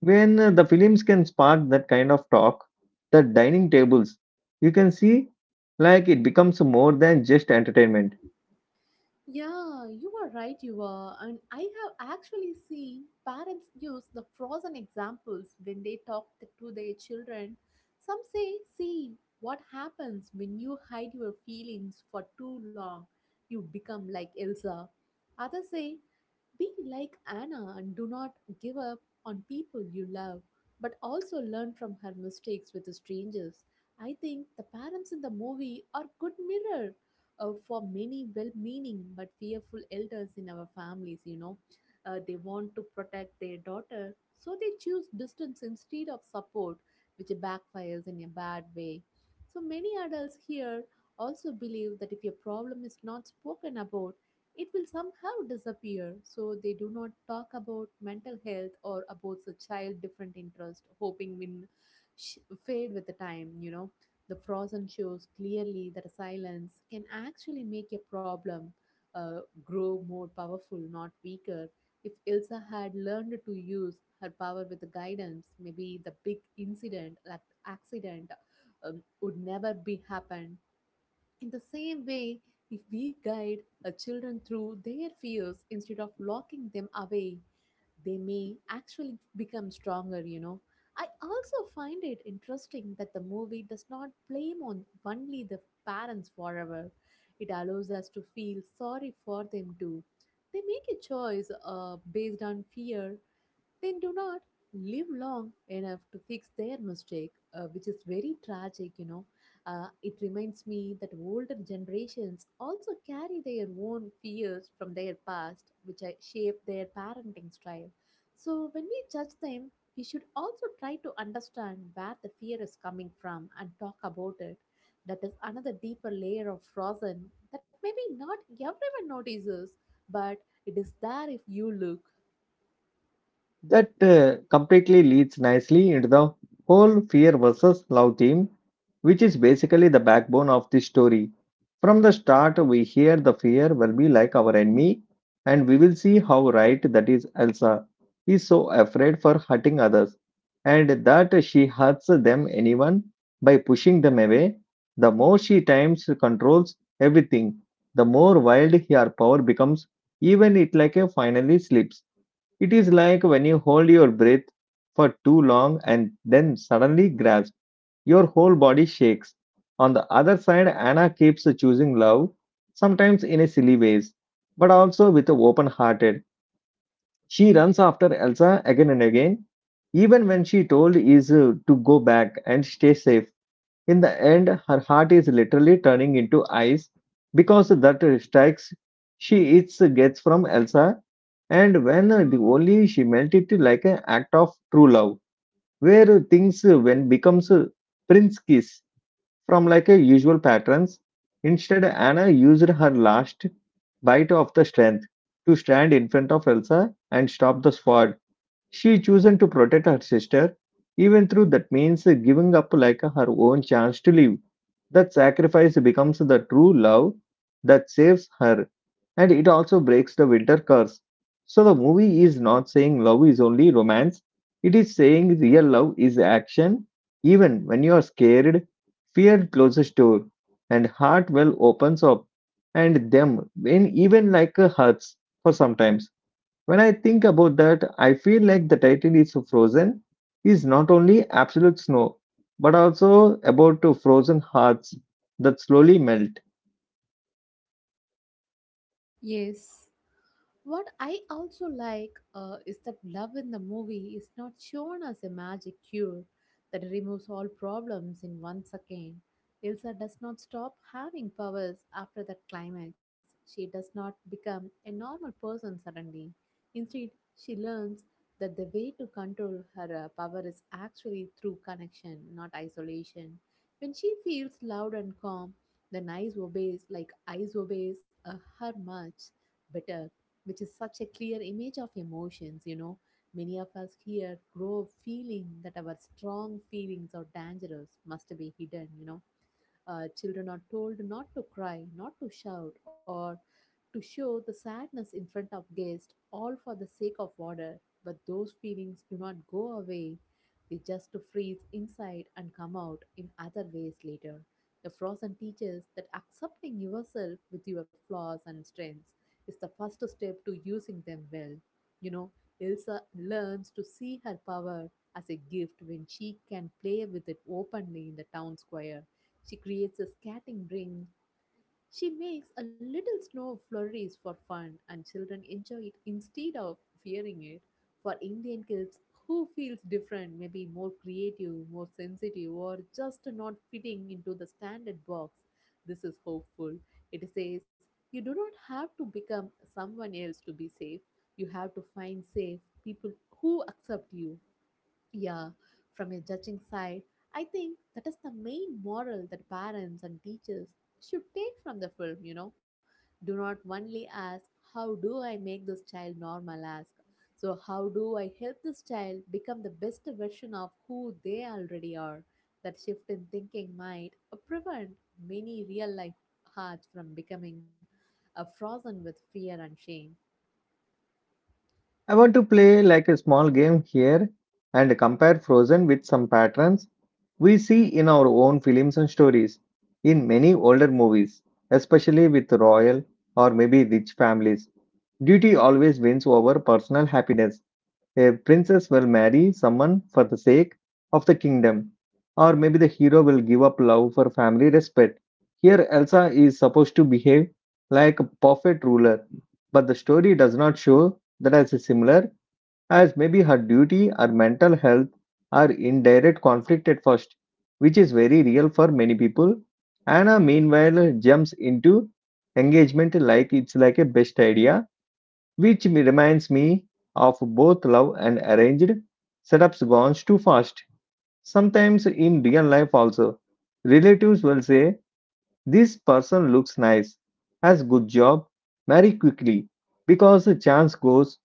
Speaker 1: When the films can spark that kind of talk, the dining tables, you can see like it becomes more than just entertainment.
Speaker 2: Yeah, you are right, you are. And I have actually seen parents use the frozen examples when they talk to their children. Some say, see, what happens when you hide your feelings for too long? You become like Elsa. Others say, be like Anna and do not give up on people you love, but also learn from her mistakes with strangers. I think the parents in the movie are good mirror for many well meaning but fearful elders in our families, you know. They want to protect their daughter, so they choose distance instead of support, which backfires in a bad way. So many adults here also believe that if a problem is not spoken about, it will somehow disappear. So they do not talk about mental health or about the child different interest, hoping will sh- fade with the time, you know. The frozen shows clearly that silence can actually make a problem grow more powerful, not weaker. If Elsa had learned to use her power with the guidance, maybe the big incident, like accident, would never be happened. In the same way, if we guide our children through their fears instead of locking them away, they may actually become stronger, you know. I also find it interesting that the movie does not blame on only the parents forever. It allows us to feel sorry for them too. They make a choice based on fear they do not live long enough to fix their mistake, which is very tragic, you know. It reminds me that older generations also carry their own fears from their past, which shape their parenting style. So, when we judge them, we should also try to understand where the fear is coming from and talk about it. That is another deeper layer of frozen that maybe not everyone notices, but it is there if you look.
Speaker 1: That completely leads nicely into the whole fear versus love theme, which is basically the backbone of this story. From the start, we hear the fear will be like our enemy, and we will see how right that is. Elsa is so afraid for hurting others, and that she hurts them anyone by pushing them away. The more she times controls everything, the more wild her power becomes, even it like a finally slips. It is like when you hold your breath for too long and then suddenly grasp, your whole body shakes. On the other side, Anna keeps choosing love, sometimes in a silly ways, but also with a open hearted. She runs after Elsa again and again, even when she told is to go back and stay safe. In the end, her heart is literally turning into ice because that strikes she eats gets from Elsa, and when the only she melt it like an act of true love, where things when becomes prince kiss from like a usual patterns. Instead, Anna used her last bite of the strength to stand in front of Elsa and stop the sword she chosen to protect her sister, even though that means giving up like her own chance to live. That sacrifice becomes the true love that saves her, and it also breaks the winter curse. So the movie is not saying love is only romance. It is saying real love is action, even when you are scared. Fear closes door, and heart well opens up, and them when even like hurts for sometimes when I think about that, I feel like the title is frozen is not only absolute snow, but also about to frozen hearts that slowly melt.
Speaker 2: Yes, what I also like is that love in the movie is not shown as a magic cure that removes all problems in 1 second. Elsa does not stop having powers after that climax. She does not become a normal person suddenly. Instead, she learns that the way to control her power is actually through connection, not isolation. When she feels loud and calm, then ice obeys her much better, which is such a clear image of emotions, you know. Many of us here grow up feeling that our strong feelings or dangerous must be hidden, you know. Children are told not to cry, not to shout, or to show the sadness in front of guests, all for the sake of order. But those feelings do not go away. They just freeze inside and come out in other ways later. The frozen teaches that accepting yourself with your flaws and strengths is the first step to using them well. You know, Elsa learns to see her power as a gift when she can play with it openly in the town square. She creates a skating ring. She makes a little snow flurries for fun, and children enjoy it instead of fearing it. For Indian kids who feels different, maybe more creative, more sensitive, or just not fitting into the standard box, this is hopeful. It says you do not have to become someone else to be safe. You have to find safe people who accept you. Yeah, from a judging side, I think that is the main moral that parents and teachers should take from the film, you know. Do not only ask, how do I make this child normal? Ask, so how do I help this child become the best version of who they already are? That shift in thinking might prevent many real life hearts from becoming frozen with fear and shame.
Speaker 1: I want to play like a small game here and compare Frozen with some patterns we see in our own films and stories, in many older movies, especially with royal or maybe rich families. Duty always wins over personal happiness. A princess will marry someone for the sake of the kingdom, or maybe the hero will give up love for family respect. Here, Elsa is supposed to behave like a perfect ruler, but the story does not show that as similar as maybe her duty or mental health are in direct conflict at first, which is very real for many people. Anna, meanwhile, jumps into engagement like it's like a best idea, which reminds me of both love and arranged setups gone too fast. Sometimes in real life also, relatives will say, "This person looks nice, has good job, marry quickly." Because the chance goes,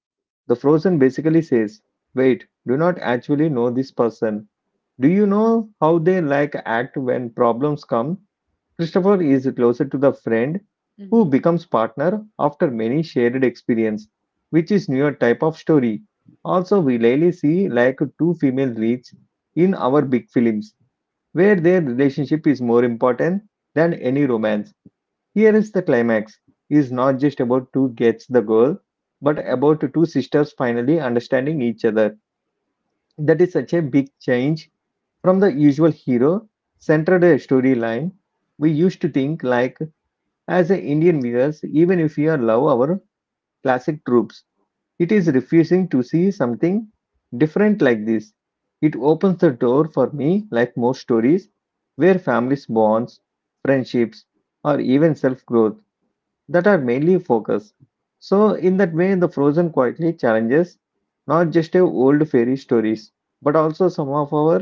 Speaker 1: the Frozen basically says, "Wait, do not actually know this person. Do you know how they like act when problems come?" Christopher is closer to the friend who
Speaker 2: Mm-hmm.
Speaker 1: becomes partner after many shared experience, which is newer type of story. Also, we rarely see like two female leads in our big films, where their relationship is more important than any romance. Here is the climax is not just about two gets the girl, but about two sisters finally understanding each other. That is such a big change from the usual hero centered storyline we used to think like as a Indian viewers, even if we are love our classic troops, it is refusing to see something different like this. It opens the door for me, like most stories, where families bonds, friendships, or even self growth that are mainly focused. So, in that way, the Frozen quietly challenges not just our old fairy stories, but also some of our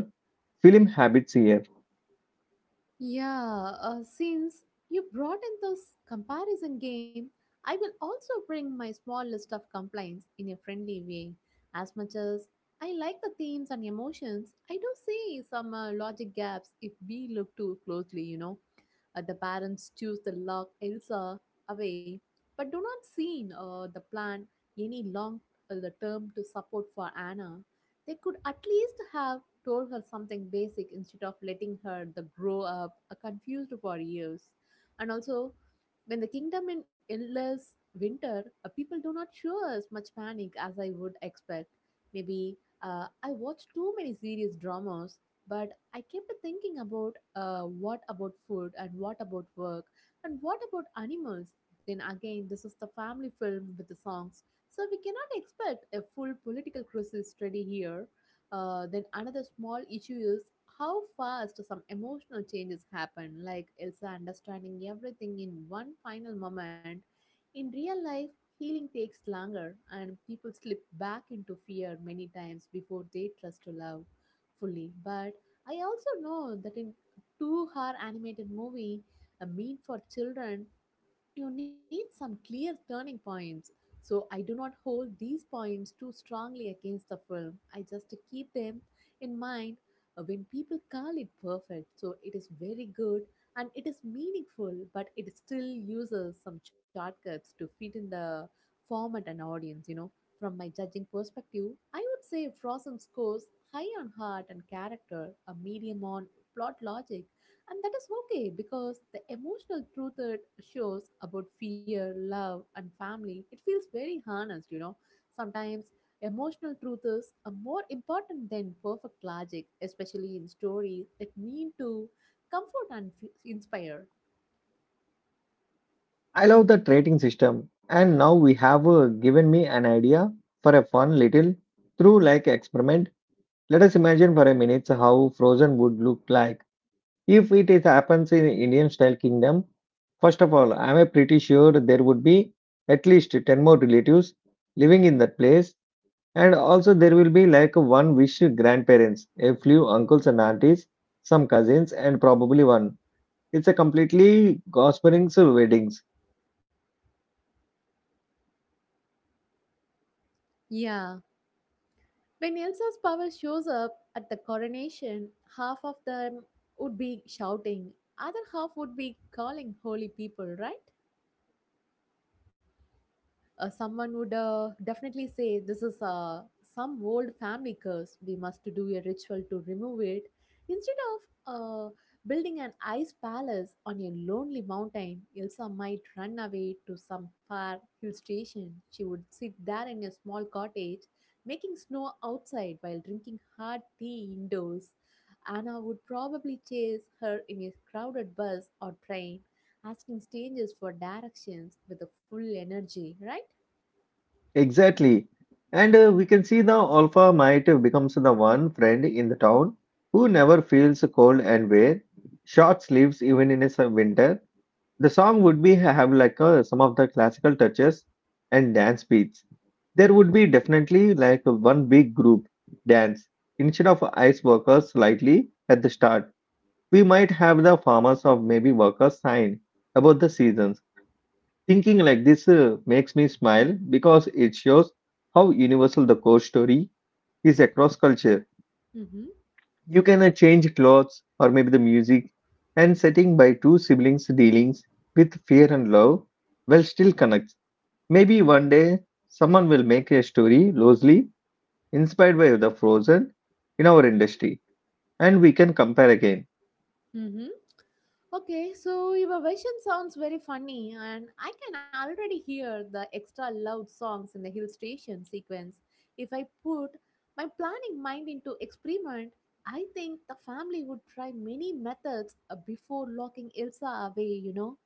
Speaker 1: film habits here.
Speaker 2: Yeah, since you brought in this comparison game, I will also bring my small list of complaints in a friendly way. As much as I like the themes and emotions, I do see some logic gaps if we look too closely, you know. The parents choose to lock Elsa away, but do not see the plan any long the term to support for Anna. They could at least have told her something basic instead of letting her the grow up confused for years. And also, when the kingdom in endless winter, people do not show as much panic as I would expect. Maybe I watch too many serious dramas, but I kept thinking about what about food and what about work and what about animals. Then again, this is the family film with the songs, so we cannot expect a full political crisis study here. Then another small issue is how fast some emotional changes happen, like Elsa understanding everything in one final moment. In real life, healing takes longer and people slip back into fear many times before they trust to love fully. But I also know that in two-hour animated movie, a mean for children, you need some clear turning points. So I do not hold these points too strongly against the film. I just keep them in mind when people call it perfect. So it is very good and it is meaningful, but it still uses some shortcuts to fit in the format and audience, you know. From my judging perspective, I would say Frozen scores high on heart and character, a medium on plot logic, and that is okay because the emotional truth it shows about fear, love, and family, it feels very honest, you know. Sometimes emotional truth is a more important than perfect logic, especially in stories that mean to comfort and inspire.
Speaker 1: I love the trading system, and now we have given me an idea for a fun little through like experiment. Let us imagine for a minute how Frozen would look like if it is happens in Indian style kingdom. First of all, I am pretty sure there would be at least 10 more relatives living in that place, and also there will be like one wish grandparents, a few uncles and aunties, some cousins, and probably one. It's a completely gossiping weddings.
Speaker 2: Yeah. When Elsa's power shows up at the coronation, half of them would be shouting, other half would be calling holy people, right? Someone would definitely say this is some old family curse. We must do a ritual to remove it. Instead of building an ice palace on a lonely mountain, Elsa might run away to some far hill station. She would sit there in a small cottage, making snow outside while drinking hot tea indoors. Anna would probably chase her in a crowded bus or train, asking strangers for directions with a full energy, right?
Speaker 1: Exactly. And we can see the alpha might becomes the one friend in the town who never feels cold and wear short sleeves even in a winter. The song would be have like some of the classical touches and dance beats. There would be definitely like one big group dance instead of ice workers slightly at the start. We might have the farmers of maybe workers sign about the seasons. Thinking like this makes me smile because it shows how universal the core story is across culture.
Speaker 2: Mm-hmm.
Speaker 1: You can change clothes or maybe the music and setting by two siblings dealings with fear and love well still connects. Maybe one day someone will make a story loosely inspired by the Frozen in our industry, and we can compare again.
Speaker 2: Mm-hmm. Okay, so your version sounds very funny, and I can already hear the extra loud songs in the hill station sequence. If I put my planning mind into experiment, I think the family would try many methods before locking Elsa away, you know.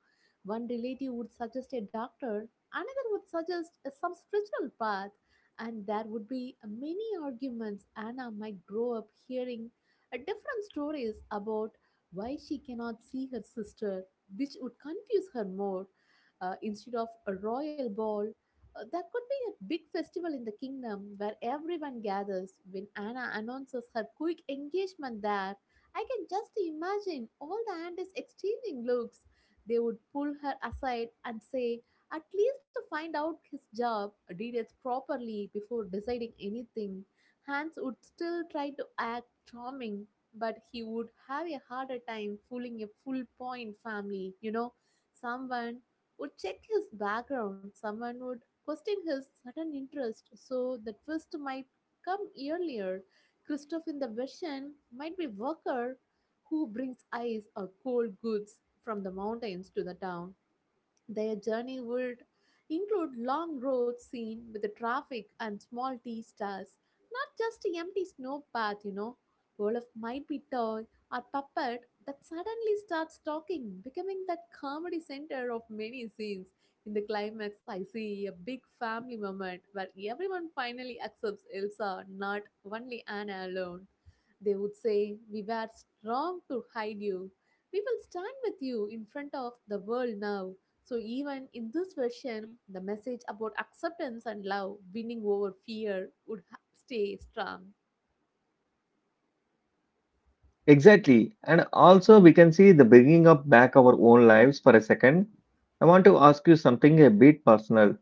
Speaker 2: One relative would suggest a doctor, another would suggest some spiritual path, and there would be many arguments. Anna might grow up hearing different stories about why she cannot see her sister, which would confuse her more. Instead of a royal ball, there could be a big festival in the kingdom where everyone gathers. When Anna announces her quick engagement there, I can just imagine all the aunties exchanging looks. They would pull her aside and say, at least to find out his job details properly before deciding anything. Hans would still try to act charming, but he would have a harder time fooling a full point family. You know, someone would check his background, someone would question his sudden interest, so the twist might come earlier. Christoph in the version might be worker who brings ice or cold goods from the mountains to the town. Their journey would include long roads seen with the traffic and small tea stalls, not just an empty snow path, you know. Olaf might be toy or puppet that suddenly starts talking, becoming that comedy center of many scenes. In the climax, I see a big family moment where everyone finally accepts Elsa, not only Anna alone. They would say, we were strong to hide you. We will stand with you in front of the world now. So, even in this version, the message about acceptance and love winning over fear would stay strong.
Speaker 1: Exactly. And also we can see the bringing up back our own lives for a second. I want to ask you something a bit personal.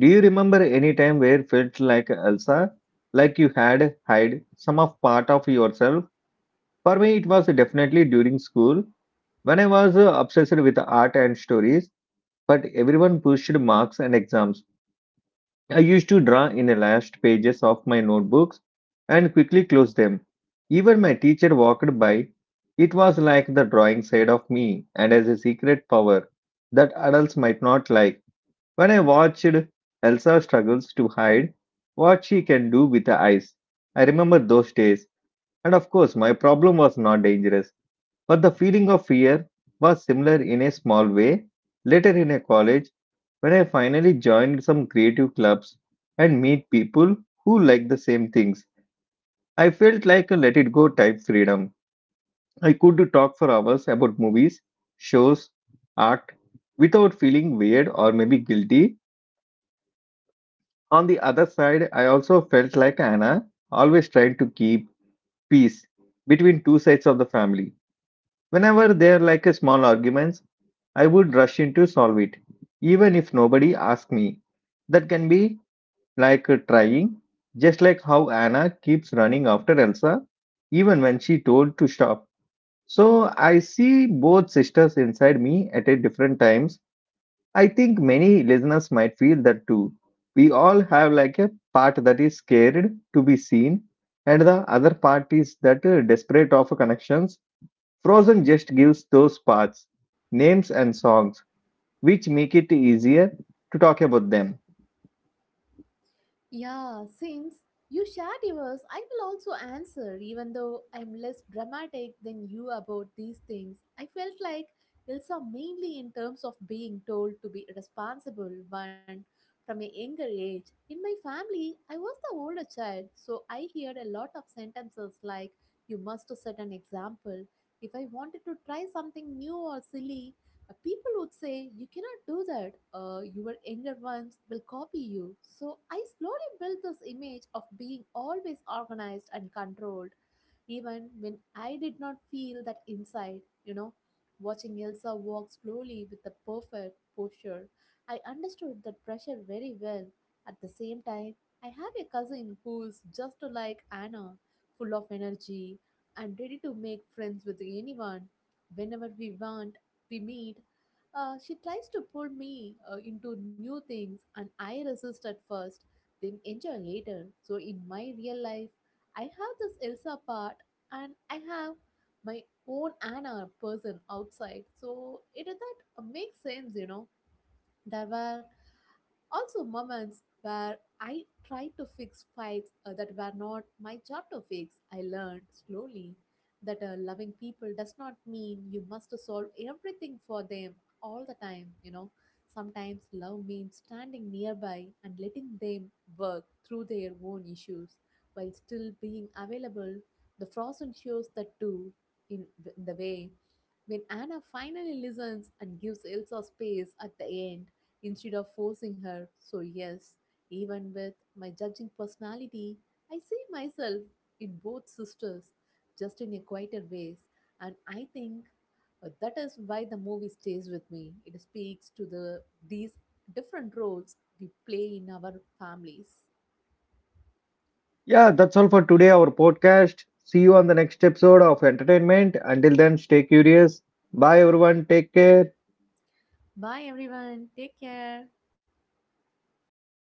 Speaker 1: Do you remember any time where felt like Elsa, like you had hide some of part of yourself? For me, it was definitely during school when I was obsessed with art and stories. But everyone pushed marks and exams. I used to draw in the last pages of my notebooks and quickly close them. Even my teacher walked by. It was like the drawing side of me and as a secret power that adults might not like. When I watched Elsa struggles to hide what she can do with her eyes, I remember those days. And of course, my problem was not dangerous, but the feeling of fear was similar in a small way. Later in a college, when I finally joined some creative clubs and meet people who like the same things, I felt like a let it go type freedom. I could talk for hours about movies, shows, art without feeling weird or maybe guilty. On the other side, I also felt like Anna always tried to keep peace between two sides of the family. Whenever there like a small arguments, I would rush in to solve it, even if nobody asked me. That can be like a trying, just like how Anna keeps running after Elsa, even when she told to stop. So I see both sisters inside me at a different times. I think many listeners might feel that too. We all have like a part that is scared to be seen, and the other part is that desperate of connections. Frozen just gives those parts, names and songs, which make it easier to talk about them.
Speaker 2: Yeah, since you shared yours, I will also answer, even though I'm less dramatic than you about these things. I felt like Elsa mainly in terms of being told to be responsible one from a younger age. In my family, I was the older child, so I heard a lot of sentences like, you must set an example. If I wanted to try something new or silly, people would say, you cannot do that. Your younger ones will copy you. So I slowly built this image of being always organized and controlled even when I did not feel that inside, you know. Watching Elsa walk slowly with the perfect posture, I understood that pressure very well. At the same time, I have a cousin who's just like Anna, full of energy and ready to make friends with anyone. Whenever we want, we meet. She tries to pull me into new things, and I resist at first, then enjoy later. So, in my real life, I have this Elsa part and I have my own Anna person outside. So it is that makes sense, you know. There were also moments where I tried to fix fights that were not my job to fix. I learned slowly that loving people does not mean you must solve everything for them all the time, you know. Sometimes love means standing nearby and letting them work through their own issues while still being available. The Frozen shows that too in, in the way when Anna finally listens and gives Elsa space at the end, instead of forcing her. So, yes, even with my judging personality, I see myself in both sisters, just in a quieter ways. And I think that is why the movie stays with me. It speaks to these different roles we play in our families.
Speaker 1: Yeah, that's all for today, our podcast. See you on the next episode of Entertainment. Until then, stay curious. Bye, everyone. Take care.
Speaker 2: Bye, everyone. Take care.